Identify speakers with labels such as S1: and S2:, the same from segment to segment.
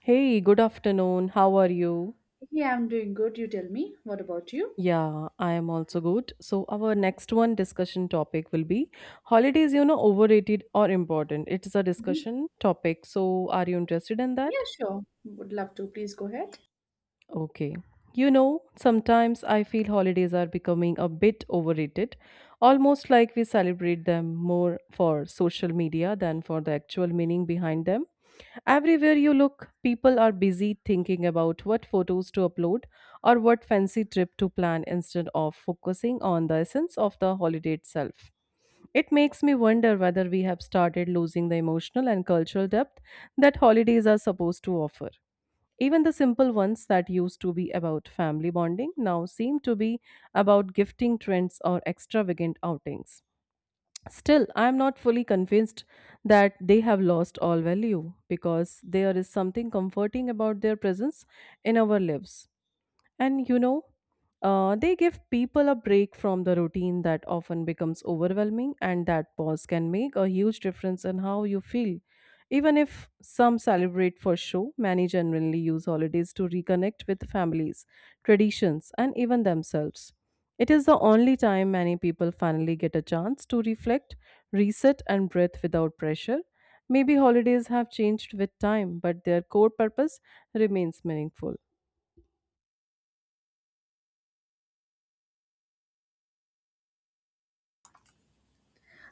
S1: Hey, good afternoon. How are you?
S2: Yeah, I'm doing good. You tell me. What about you?
S1: Yeah, I am also good. So, our next one discussion topic will be holidays, overrated or important. It's a
S2: Hmm.
S1: discussion topic. So, are you interested in
S2: Yeah,
S1: that?
S2: sure. Would love to. Please go ahead.
S1: Okay. You know, sometimes I feel holidays are becoming a bit overrated, almost like we celebrate them more for social media than for the actual meaning behind them. Everywhere you look, people are busy thinking about what photos to upload or what fancy trip to plan instead of focusing on the essence of the holiday itself. It makes me wonder whether we have started losing the emotional and cultural depth that holidays are supposed to offer. Even the simple ones that used to be about family bonding now seem to be about gifting trends or extravagant outings. Still, I am not fully convinced that they have lost all value because there is something comforting about their presence in our lives. And you know, they give people a break from the routine that often becomes overwhelming, and that pause can make a huge difference in how you feel. Even if some celebrate for show, many genuinely use holidays to reconnect with families, traditions, and even themselves. It is the only time many people finally get a chance to reflect, reset, and breathe without pressure. Maybe holidays have changed with time, but their core purpose remains meaningful.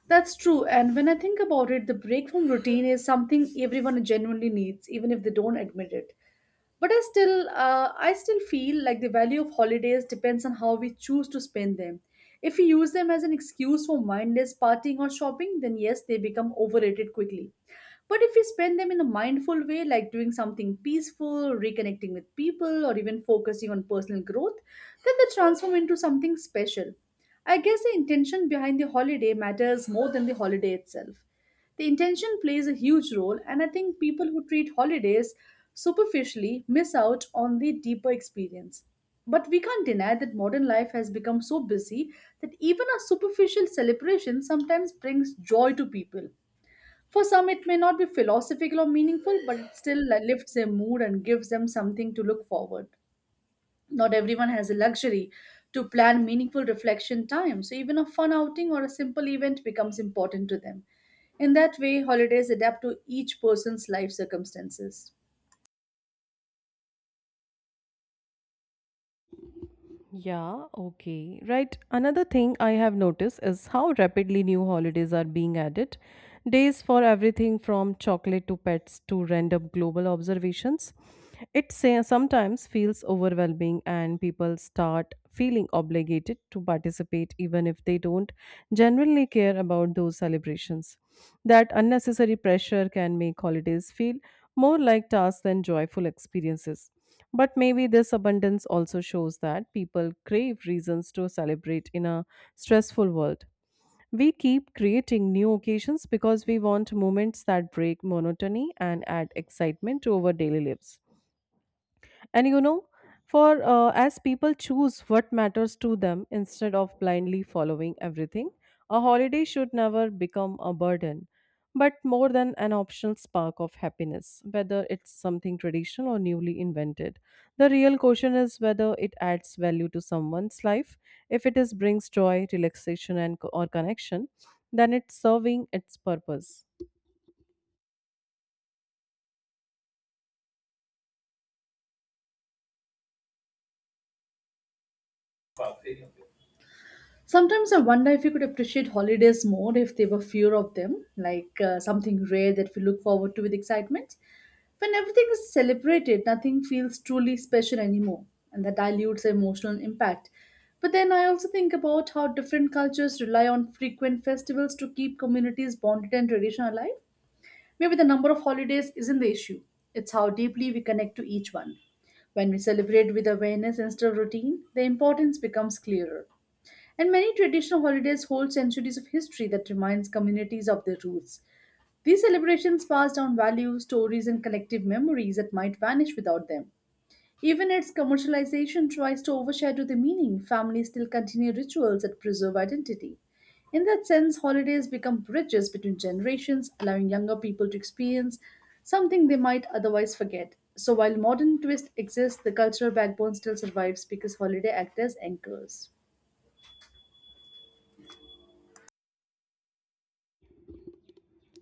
S2: That's true. And when I think about it, the break from routine is something everyone genuinely needs, even if they don't admit it. But I still feel like the value of holidays depends on how we choose to spend them. If we use them as an excuse for mindless partying or shopping, then yes, they become overrated quickly. But if we spend them in a mindful way, like doing something peaceful, reconnecting with people, or even focusing on personal growth, then they transform into something special. I guess the intention behind the holiday matters more than the holiday itself. The intention plays a huge role, and I think people who treat holidays superficially miss out on the deeper experience. But we can't deny that modern life has become so busy that even a superficial celebration sometimes brings joy to people. For some, it may not be philosophical or meaningful, but it still lifts their mood and gives them something to look forward. Not everyone has the luxury to plan meaningful reflection time, so even a fun outing or a simple event becomes important to them. In that way, holidays adapt to each person's life circumstances.
S1: Yeah, okay. Right. Another thing I have noticed is how rapidly new holidays are being added. Days for everything from chocolate to pets to random global observations. It say, sometimes feels overwhelming, and people start feeling obligated to participate even if they don't genuinely care about those celebrations. That unnecessary pressure can make holidays feel more like tasks than joyful experiences. But maybe this abundance also shows that people crave reasons to celebrate in a stressful world. We keep creating new occasions because we want moments that break monotony and add excitement to our daily lives. And you know for as people choose what matters to them instead of blindly following everything, a holiday should never become a burden, but more than an optional spark of happiness. Whether it's something traditional or newly invented, the real question is whether it adds value to someone's life. If it is brings joy, relaxation, and co- or connection, then it's serving its purpose.
S2: Sometimes I wonder if we could appreciate holidays more if there were fewer of them, like something rare that we look forward to with excitement. When everything is celebrated, nothing feels truly special anymore, and that dilutes the emotional impact. But then I also think about how different cultures rely on frequent festivals to keep communities bonded and tradition alive. Maybe the number of holidays isn't the issue, it's how deeply we connect to each one. When we celebrate with awareness instead of routine, the importance becomes clearer. And many traditional holidays hold centuries of history that reminds communities of their roots. These celebrations pass down values, stories, and collective memories that might vanish without them. Even its commercialization tries to overshadow the meaning, families still continue rituals that preserve identity. In that sense, holidays become bridges between generations, allowing younger people to experience something they might otherwise forget. So while modern twist exists, the cultural backbone still survives because holiday act as anchors.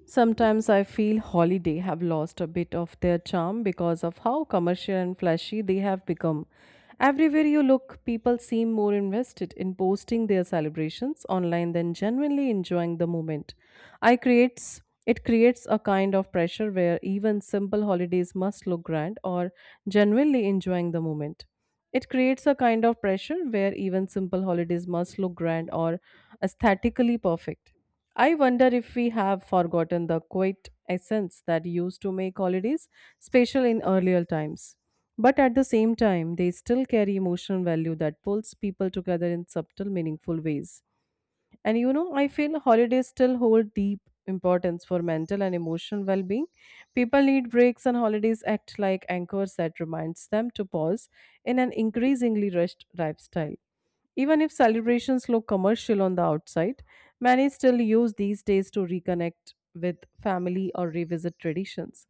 S1: Sometimes I feel holiday have lost a bit of their charm because of how commercial and flashy they have become. Everywhere you look, people seem more invested in posting their celebrations online than genuinely enjoying the moment. I creates it creates a kind of pressure where even simple holidays must look grand or genuinely enjoying the moment. It creates a kind of pressure where even simple holidays must look grand or aesthetically perfect. I wonder if we have forgotten the quiet essence that used to make holidays special in earlier times. But at the same time, they still carry emotional value that pulls people together in subtle, meaningful ways. I feel holidays still hold deep importance for mental and emotional well-being. People need breaks and holidays act like anchors that reminds them to pause in an increasingly rushed lifestyle. Even if celebrations look commercial on the outside, many still use these days to reconnect with family or revisit traditions.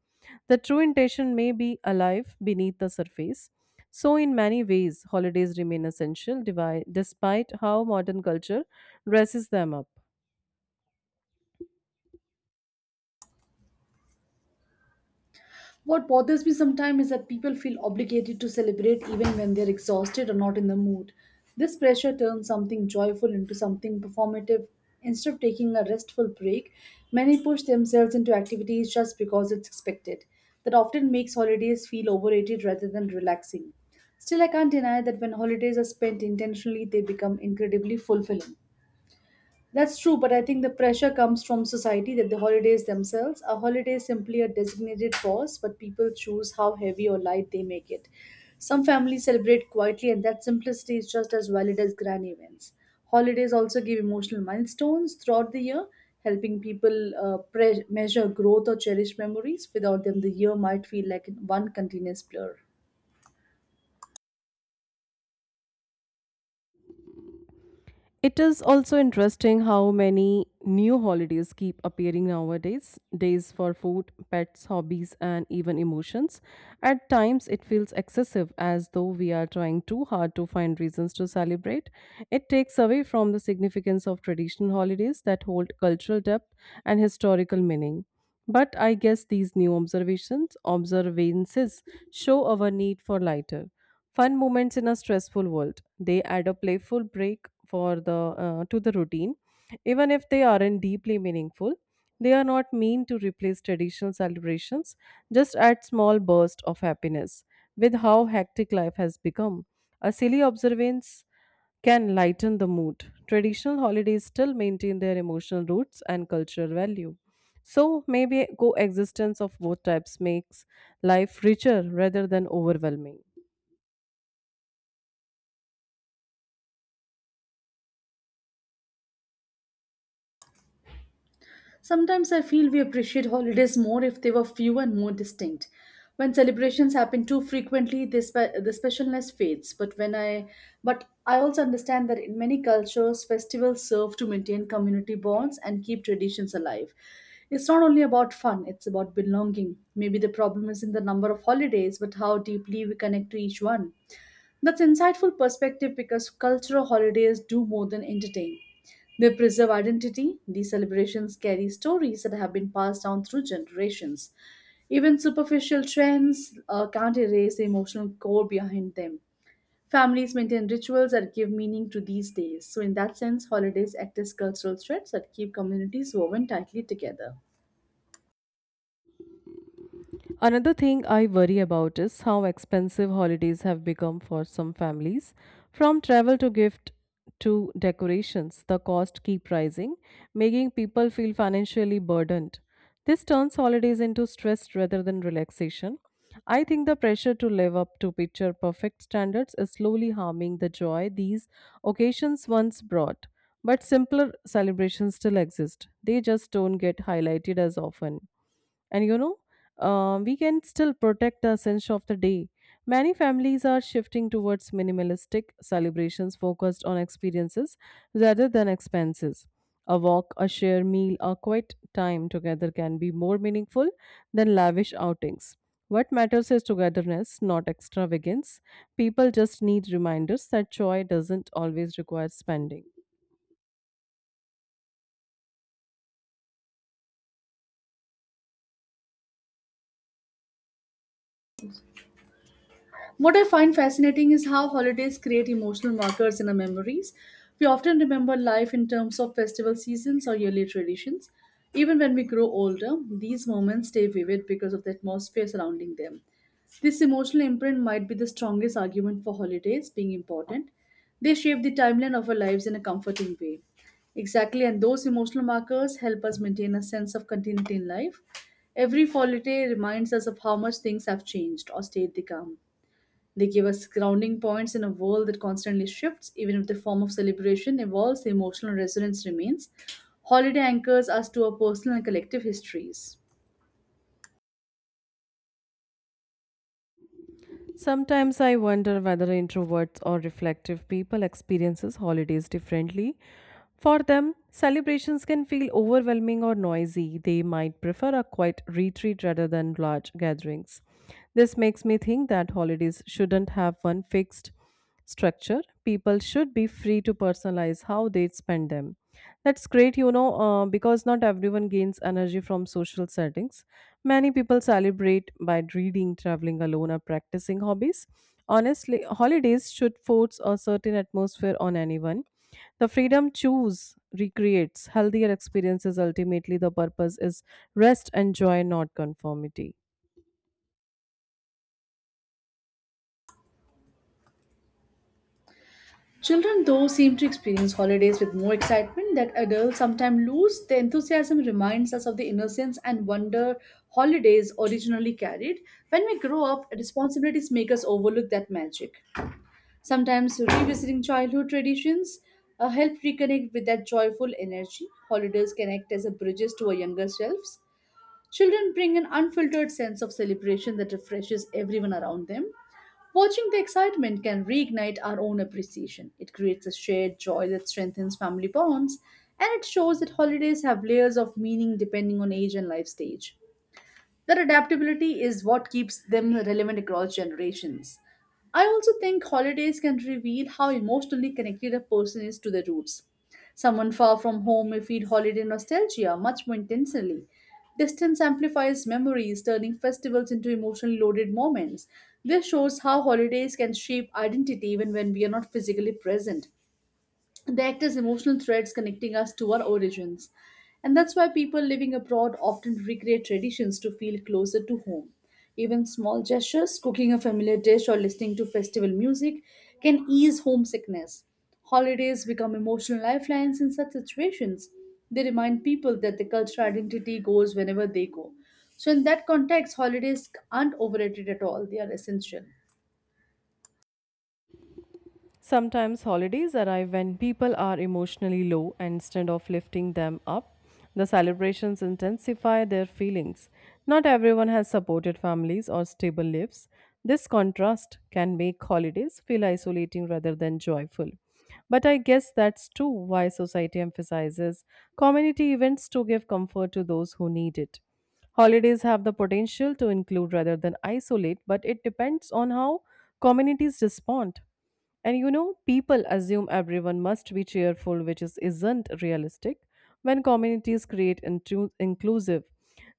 S1: The true intention may be alive beneath the surface, so, in many ways, holidays remain essential despite how modern culture dresses them up.
S2: What bothers me sometimes is that people feel obligated to celebrate even when they're exhausted or not in the mood. This pressure turns something joyful into something performative. Instead of taking a restful break, many push themselves into activities just because it's expected. That often makes holidays feel overrated rather than relaxing. Still, I can't deny that when holidays are spent intentionally, they become incredibly fulfilling. That's true, but I think the pressure comes from society that the holidays themselves. A holiday is simply a designated pause, but people choose how heavy or light they make it. Some families celebrate quietly, and that simplicity is just as valid as grand events. Holidays also give emotional milestones throughout the year, helping people measure growth or cherish memories. Without them, the year might feel like one continuous blur.
S1: It is also interesting how many new holidays keep appearing nowadays, days for food, pets, hobbies, and even emotions. At times, it feels excessive as though we are trying too hard to find reasons to celebrate. It takes away from the significance of traditional holidays that hold cultural depth and historical meaning. But I guess these new observances show our need for lighter fun moments in a stressful world. They add a playful break for the to the routine, even if they aren't deeply meaningful. They are not mean to replace traditional celebrations, just add small bursts of happiness. With how hectic life has become, a silly observance can lighten the mood. Traditional holidays still maintain their emotional roots and cultural value. So maybe coexistence of both types makes life richer rather than overwhelming.
S2: Sometimes I feel we appreciate holidays more if they were few and more distinct. When celebrations happen too frequently, the specialness fades. But I also understand that in many cultures, festivals serve to maintain community bonds and keep traditions alive. It's not only about fun; it's about belonging. Maybe the problem is in the number of holidays, but how deeply we connect to each one. That's insightful perspective because cultural holidays do more than entertain. They preserve identity, these celebrations carry stories that have been passed down through generations. Even superficial trends can't erase the emotional core behind them. Families maintain rituals that give meaning to these days. So, in that sense, holidays act as cultural threads that keep communities woven tightly together.
S1: Another thing I worry about is how expensive holidays have become for some families. From travel to gift to decorations, the cost keep rising, making people feel financially burdened. This turns holidays into stress rather than relaxation. I think the pressure to live up to picture perfect standards is slowly harming the joy these occasions once brought. But simpler celebrations still exist. They just don't get highlighted as often. And you know we can still protect the essence of the day. Many families are shifting towards minimalistic celebrations focused on experiences rather than expenses. A walk, a share meal, a quiet time together can be more meaningful than lavish outings. What matters is togetherness, not extravagance. People just need reminders that joy doesn't always require spending.
S2: What I find fascinating is how holidays create emotional markers in our memories. We often remember life in terms of festival seasons or yearly traditions. Even when we grow older, these moments stay vivid because of the atmosphere surrounding them. This emotional imprint might be the strongest argument for holidays being important. They shape the timeline of our lives in a comforting way. Exactly, and those emotional markers help us maintain a sense of continuity in life. Every holiday reminds us of how much things have changed or stayed the calm. They give us grounding points in a world that constantly shifts, even if the form of celebration evolves, the emotional resonance remains. Holiday anchors us to our personal and collective histories.
S1: Sometimes I wonder whether introverts or reflective people experiences holidays differently. For them, celebrations can feel overwhelming or noisy. They might prefer a quiet retreat rather than large gatherings. This makes me think that holidays shouldn't have one fixed structure. People should be free to personalize how they spend them. That's great you know because not everyone gains energy from social settings, many people celebrate by reading, traveling alone, or practicing hobbies. Honestly, holidays should force a certain atmosphere on anyone. The freedom choose recreates healthier experiences. Ultimately the purpose is rest and joy, not conformity.
S2: Children, though, seem to experience holidays with more excitement that adults sometimes lose. The enthusiasm reminds us of the innocence and wonder holidays originally carried. When we grow up, responsibilities make us overlook that magic. Sometimes revisiting childhood traditions help reconnect with that joyful energy. Holidays can act as a bridges to our younger selves. Children bring an unfiltered sense of celebration that refreshes everyone around them. Watching the excitement can reignite our own appreciation. It creates a shared joy that strengthens family bonds, and it shows that holidays have layers of meaning depending on age and life stage. Their adaptability is what keeps them relevant across generations. I also think holidays can reveal how emotionally connected a person is to their roots. Someone far from home may feel holiday nostalgia much more intensely. Distance amplifies memories, turning festivals into emotionally loaded moments. This shows how holidays can shape identity even when we are not physically present. They act as emotional threads connecting us to our origins. And that's why people living abroad often recreate traditions to feel closer to home. Even small gestures, cooking a familiar dish or listening to festival music, can ease homesickness. Holidays become emotional lifelines in such situations. They remind people that the cultural identity goes whenever they go. So, in that context, holidays aren't overrated at all, they are essential.
S1: Sometimes holidays arrive when people are emotionally low, and instead of lifting them up, the celebrations intensify their feelings. Not everyone has supported families or stable lives. This contrast can make holidays feel isolating rather than joyful. But I guess that's too why society emphasizes community events to give comfort to those who need it. Holidays have the potential to include rather than isolate, but it depends on how communities respond. And you know, people assume everyone must be cheerful, which isn't realistic. When communities create inclusive,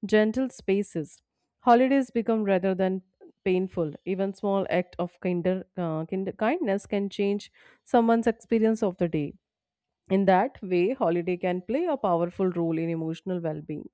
S1: gentle spaces, holidays become rather than painful. Even small act of kinder, kinder kindness can change someone's experience of the day. In that way, holiday can play a powerful role in emotional well-being.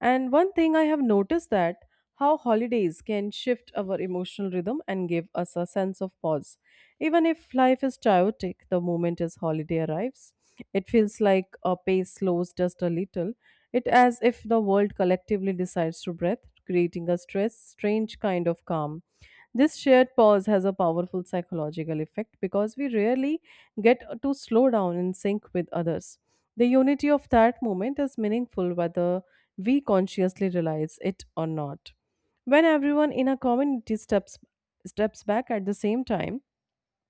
S1: And one thing I have noticed that how holidays can shift our emotional rhythm and give us a sense of pause. Even if life is chaotic, the moment as holiday arrives, it feels like a pace slows just a little. It as if the world collectively decides to breathe, creating a stress strange kind of calm. This shared pause has a powerful psychological effect because we rarely get to slow down and sync with others. The unity of that moment is meaningful whether we consciously realize it or not. When everyone in a community steps back at the same time,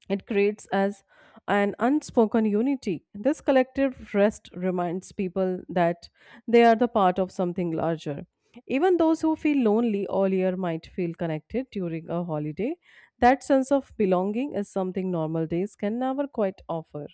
S1: it creates as an unspoken unity. This collective rest reminds people that they are the part of something larger. Even those who feel lonely all year might feel connected during a holiday. That sense of belonging is something normal days can never quite offer.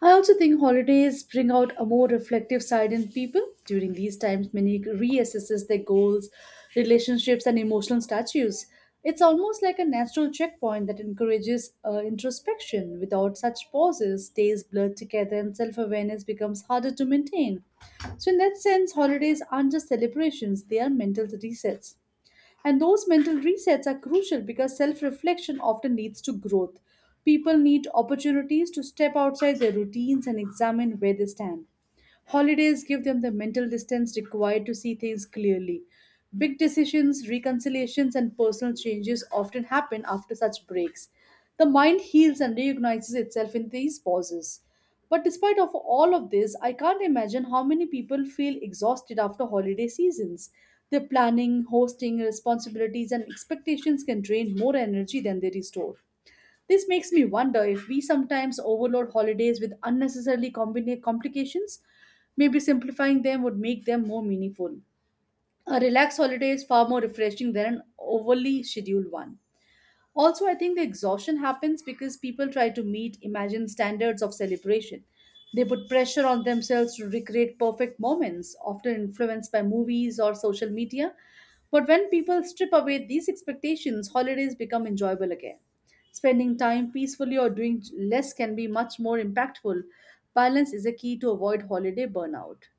S2: I also think holidays bring out a more reflective side in people. During these times, many reassesses their goals, relationships, and emotional statues. It's almost like a natural checkpoint that encourages introspection. Without such pauses, days blur together and self awareness becomes harder to maintain. So, in that sense, holidays aren't just celebrations, they are mental resets. And those mental resets are crucial because self reflection often leads to growth. People need opportunities to step outside their routines and examine where they stand. Holidays give them the mental distance required to see things clearly. Big decisions, reconciliations, and personal changes often happen after such breaks. The mind heals and reorganizes itself in these pauses. But despite of all of this, I can't imagine how many people feel exhausted after holiday seasons. Their planning, hosting, responsibilities, and expectations can drain more energy than they restore. This makes me wonder if we sometimes overload holidays with unnecessarily complications. Maybe simplifying them would make them more meaningful. A relaxed holiday is far more refreshing than an overly scheduled one. Also, I think the exhaustion happens because people try to meet imagined standards of celebration. They put pressure on themselves to recreate perfect moments, often influenced by movies or social media. But when people strip away these expectations, holidays become enjoyable again. Spending time peacefully or doing less can be much more impactful. Balance is a key to avoid holiday burnout.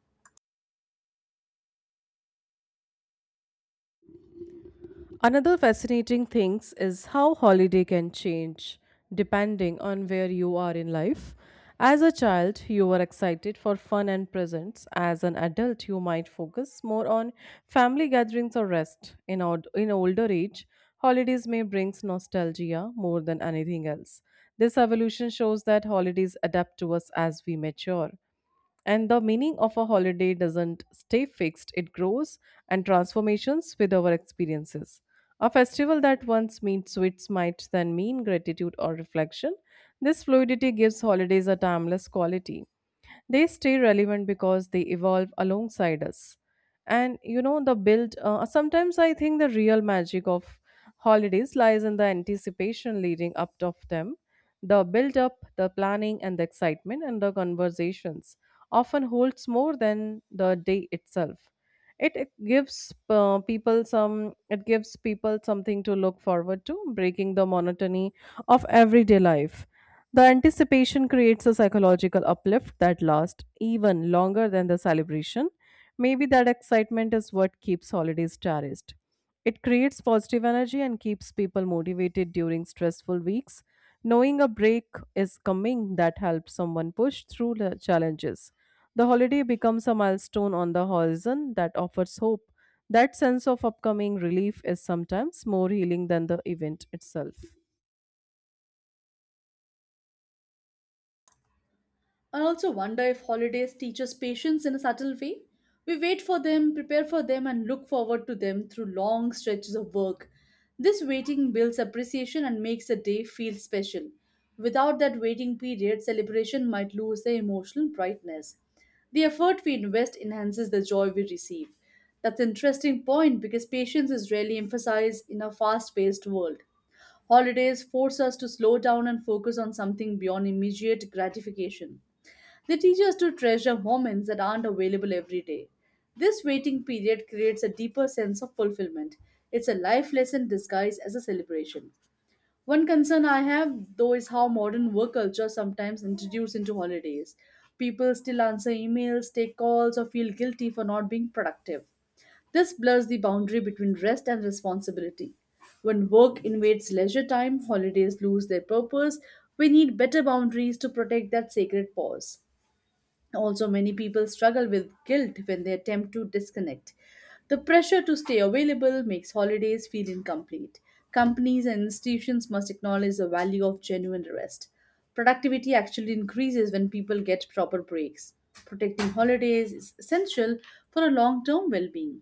S1: Another fascinating thing is how holiday can change depending on where you are in life. As a child, you were excited for fun and presents. As an adult, you might focus more on family gatherings or rest. In older age, holidays may bring nostalgia more than anything else. This evolution shows that holidays adapt to us as we mature. And the meaning of a holiday doesn't stay fixed, it grows and transformations with our experiences. A festival that once meant sweets might then mean gratitude or reflection. This fluidity gives holidays a timeless quality. They stay relevant because they evolve alongside us. And you know, the build, sometimes I think the real magic of holidays lies in the anticipation leading up to them. The build up, the planning, and the excitement, and the conversations often holds more than the day itself. It gives people something to look forward to, breaking the monotony of everyday life. The anticipation creates a psychological uplift that lasts even longer than the celebration. Maybe that excitement is what keeps holidays cherished. It creates positive energy and keeps people motivated during stressful weeks. Knowing a break is coming that helps someone push through the challenges. The holiday becomes a milestone on the horizon that offers hope. That sense of upcoming relief is sometimes more healing than the event itself.
S2: I also wonder if holidays teach us patience in a subtle way. We wait for them, prepare for them, and look forward to them through long stretches of work. This waiting builds appreciation and makes a day feel special. Without that waiting period, celebration might lose their emotional brightness. The effort we invest enhances the joy we receive. That's an interesting point because patience is rarely emphasized in a fast paced world. Holidays force us to slow down and focus on something beyond immediate gratification. They teach us to treasure moments that aren't available every day. This waiting period creates a deeper sense of fulfillment. It's a life lesson disguised as a celebration. One concern I have, though, is how modern work culture sometimes introduced into holidays. People still answer emails, take calls, or feel guilty for not being productive. This blurs the boundary between rest and responsibility. When work invades leisure time, holidays lose their purpose. We need better boundaries to protect that sacred pause. Also, many people struggle with guilt when they attempt to disconnect. The pressure to stay available makes holidays feel incomplete. Companies and institutions must acknowledge the value of genuine rest. Productivity actually increases when people get proper breaks. Protecting holidays is essential for a long term well being.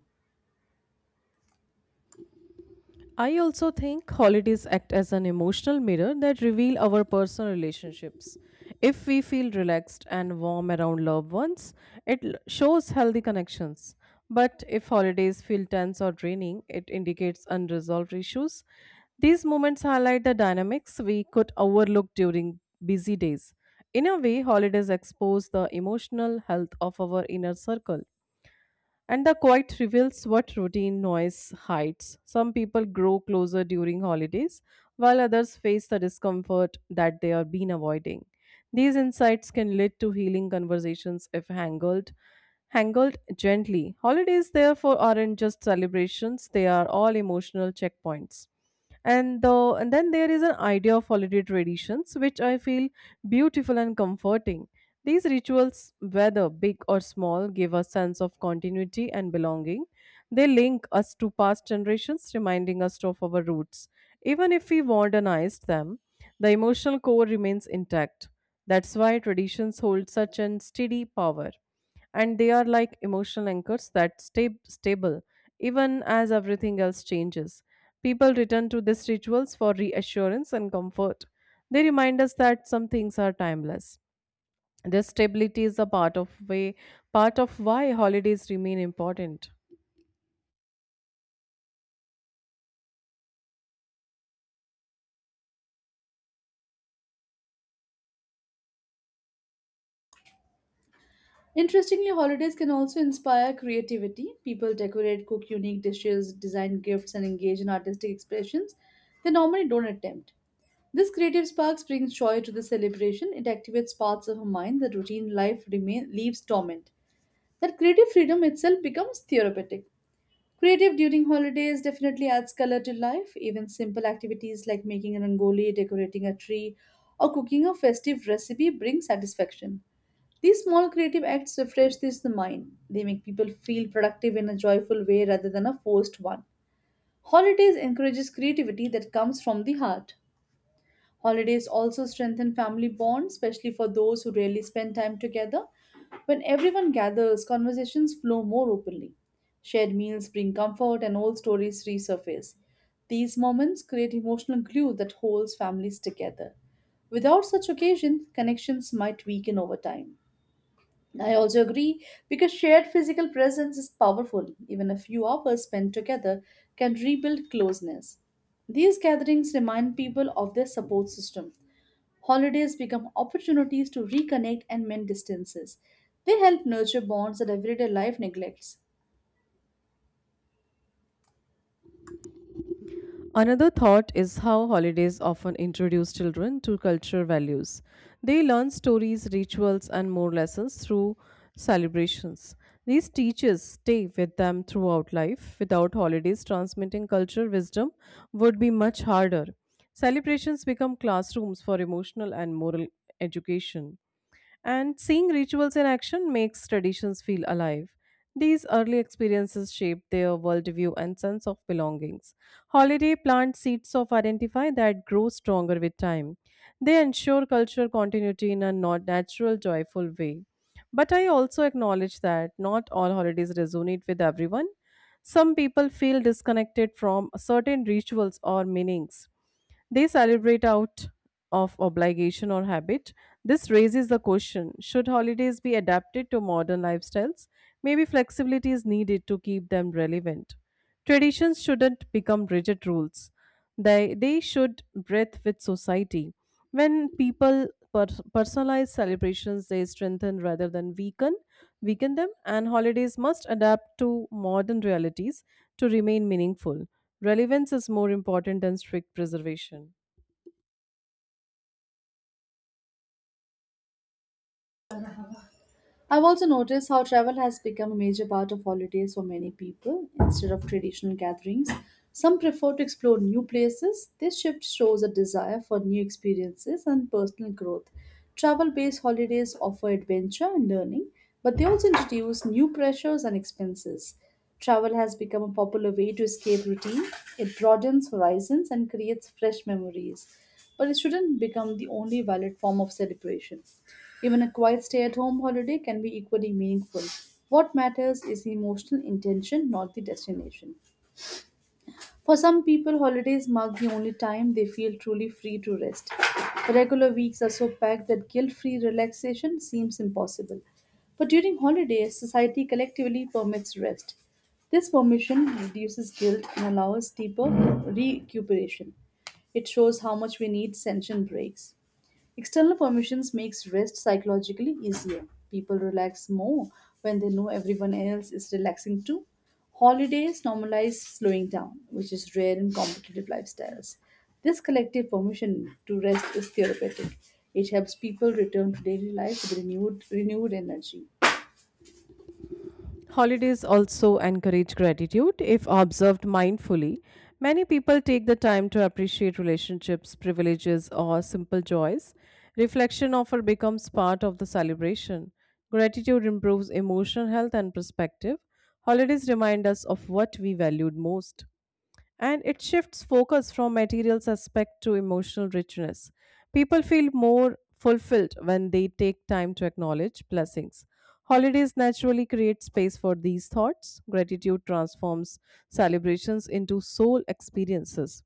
S1: I also think holidays act as an emotional mirror that reveal our personal relationships. If we feel relaxed and warm around loved ones, it shows healthy connections. But if holidays feel tense or draining, it indicates unresolved issues. These moments highlight the dynamics we could overlook during busy days. In a way, holidays expose the emotional health of our inner circle. And the quiet reveals what routine noise hides. Some people grow closer during holidays, while others face the discomfort that they are been avoiding. These insights can lead to healing conversations if handled gently. Holidays, therefore, aren't just celebrations, they are all emotional checkpoints. And then there is an idea of holiday traditions, which I feel beautiful and comforting. These rituals, whether big or small, give a sense of continuity and belonging. They link us to past generations, reminding us of our roots. Even if we modernized them, the emotional core remains intact. That's why traditions hold such an steady power, and they are like emotional anchors that stay stable even as everything else changes. People return to these rituals for reassurance and comfort. They remind us that some things are timeless. This stability is a part of way part of why holidays remain important.
S2: Interestingly, holidays can also inspire creativity. People decorate, cook unique dishes, design gifts, and engage in artistic expressions they normally don't attempt. This creative spark brings joy to the celebration. It activates parts of her mind that routine life remain, leaves dormant. That creative freedom itself becomes therapeutic. Creative during holidays definitely adds color to life. Even simple activities like making a rangoli, decorating a tree, or cooking a festive recipe bring satisfaction. These small creative acts refresh this the mind. They make people feel productive in a joyful way rather than a forced one. Holidays encourages creativity that comes from the heart. Holidays also strengthen family bonds, especially for those who rarely spend time together. When everyone gathers, conversations flow more openly. Shared meals bring comfort and old stories resurface. These moments create emotional glue that holds families together. Without such occasions, connections might weaken over time. I also agree because shared physical presence is powerful. Even a few hours spent together can rebuild closeness. These gatherings remind people of their support system. Holidays become opportunities to reconnect and mend distances. They help nurture bonds that everyday life neglects.
S1: Another thought is how holidays often introduce children to cultural values. They learn stories, rituals, and more lessons through celebrations. These teachers stay with them throughout life. Without holidays, transmitting cultural wisdom would be much harder. Celebrations become classrooms for emotional and moral education, and seeing rituals in action makes traditions feel alive. These early experiences shape their worldview and sense of belongings. Holiday plant seeds of identify that grow stronger with time. They ensure cultural continuity in a not natural, joyful way. But I also acknowledge that not all holidays resonate with everyone. Some people feel disconnected from certain rituals or meanings. They celebrate out of obligation or habit. This raises the question, should holidays be adapted to modern lifestyles? Maybe flexibility is needed to keep them relevant. Traditions shouldn't become rigid rules, they should breathe with society. When people per- personalize celebrations, they strengthen rather than weaken them, and holidays must adapt to modern realities to remain meaningful. Relevance is more important than strict preservation.
S2: I've also noticed how travel has become a major part of holidays for many people. Instead of traditional gatherings, some prefer to explore new places. This shift shows a desire for new experiences and personal growth. Travel based holidays offer adventure and learning, but they also introduce new pressures and expenses. Travel has become a popular way to escape routine, it broadens horizons and creates fresh memories. But it shouldn't become the only valid form of celebration. Even a quiet stay at home holiday can be equally meaningful. What matters is the emotional intention, not the destination. For some people, holidays mark the only time they feel truly free to rest. Regular weeks are so packed that guilt free relaxation seems impossible. But during holidays, society collectively permits rest. This permission reduces guilt and allows deeper recuperation. It shows how much we need tension breaks. External permissions makes rest psychologically easier. People relax more when they know everyone else is relaxing too. Holidays normalize slowing down, which is rare in competitive lifestyles. This collective permission to rest is therapeutic. It helps people return to daily life with renewed energy.
S1: Holidays also encourage gratitude if observed mindfully. Many people take the time to appreciate relationships, privileges, or simple joys. Reflection often becomes part of the celebration. Gratitude improves emotional health and perspective. Holidays remind us of what we valued most, and it shifts focus from material aspect to emotional richness. People feel more fulfilled when they take time to acknowledge blessings. Holidays naturally create space for these thoughts. Gratitude transforms celebrations into soul experiences.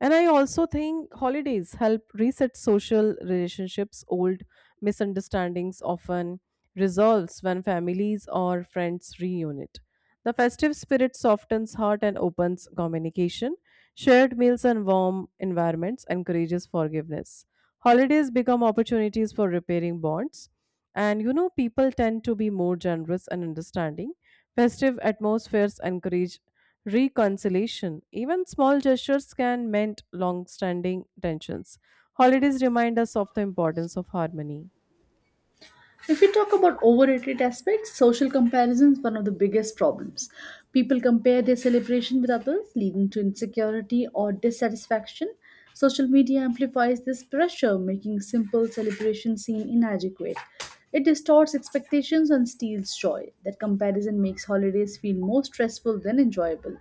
S1: And I also think holidays help reset social relationships. Old misunderstandings often resolves when families or friends reunite. The festive spirit softens heart and opens communication. Shared meals and warm environments encourages forgiveness. Holidays become opportunities for repairing bonds. And you know, people tend to be more generous and understanding. Festive atmospheres encourage reconciliation. Even small gestures can mend long standing tensions. Holidays remind us of the importance of harmony.
S2: If we talk about overrated aspects, social comparison is one of the biggest problems. People compare their celebration with others, leading to insecurity or dissatisfaction. Social media amplifies this pressure, making simple celebration seem inadequate. It distorts expectations and steals joy. That comparison makes holidays feel more stressful than enjoyable.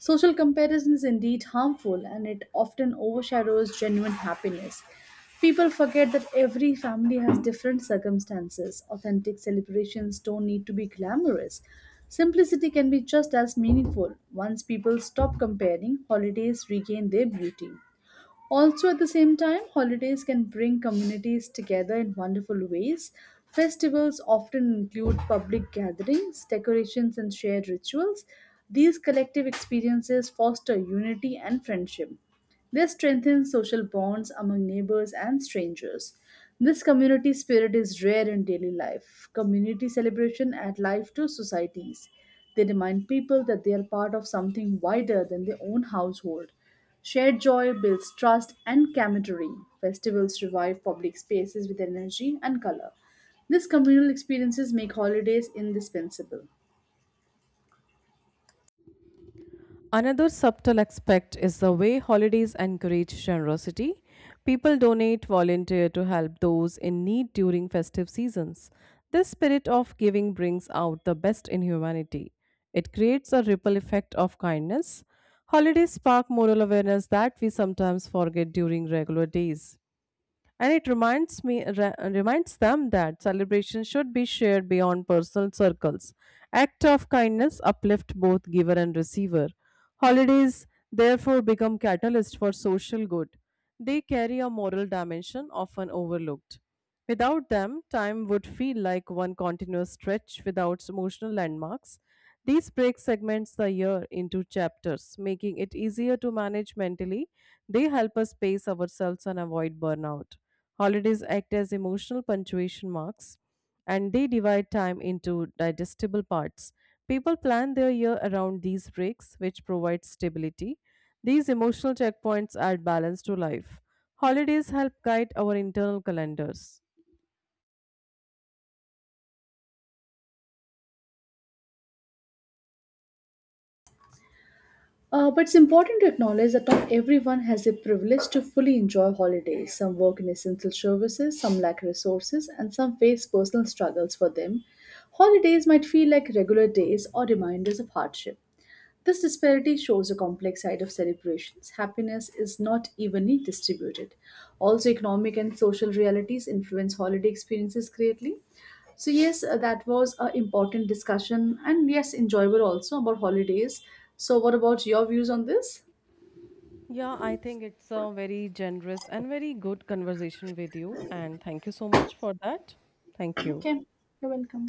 S2: Social comparison is indeed harmful and it often overshadows genuine happiness. People forget that every family has different circumstances. Authentic celebrations don't need to be glamorous. Simplicity can be just as meaningful. Once people stop comparing, holidays regain their beauty. Also, at the same time, holidays can bring communities together in wonderful ways. Festivals often include public gatherings, decorations, and shared rituals. These collective experiences foster unity and friendship. They strengthen social bonds among neighbors and strangers. This community spirit is rare in daily life. Community celebration add life to societies. They remind people that they are part of something wider than their own household. Shared joy builds trust and camaraderie. Festivals revive public spaces with energy and color. These communal experiences make holidays indispensable.
S1: Another subtle aspect is the way holidays encourage generosity. People donate, volunteer to help those in need during festive seasons. This spirit of giving brings out the best in humanity. It creates a ripple effect of kindness. Holidays spark moral awareness that we sometimes forget during regular days, and it reminds them that celebration should be shared beyond personal circles. Act of kindness uplift both giver and receiver. Holidays, therefore, become catalyst for social good. They carry a moral dimension often overlooked. Without them, time would feel like one continuous stretch without emotional landmarks. These break segments the year into chapters, making it easier to manage mentally. They help us pace ourselves and avoid burnout. Holidays act as emotional punctuation marks, and they divide time into digestible parts. People plan their year around these breaks, which provide stability. These emotional checkpoints add balance to life. Holidays help guide our internal calendars.
S2: But it's important to acknowledge that not everyone has the privilege to fully enjoy holidays. Some work in essential services, some lack resources, and some face personal struggles for them. Holidays might feel like regular days or reminders of hardship. This disparity shows a complex side of celebrations. Happiness is not evenly distributed. Also, economic and social realities influence holiday experiences greatly. So, yes, that was an important discussion and yes, enjoyable also about holidays. So, what about your views on this?
S1: Yeah, I think it's a very generous and very good conversation with you, and thank you so much for that. Thank you.
S2: Okay, you're welcome.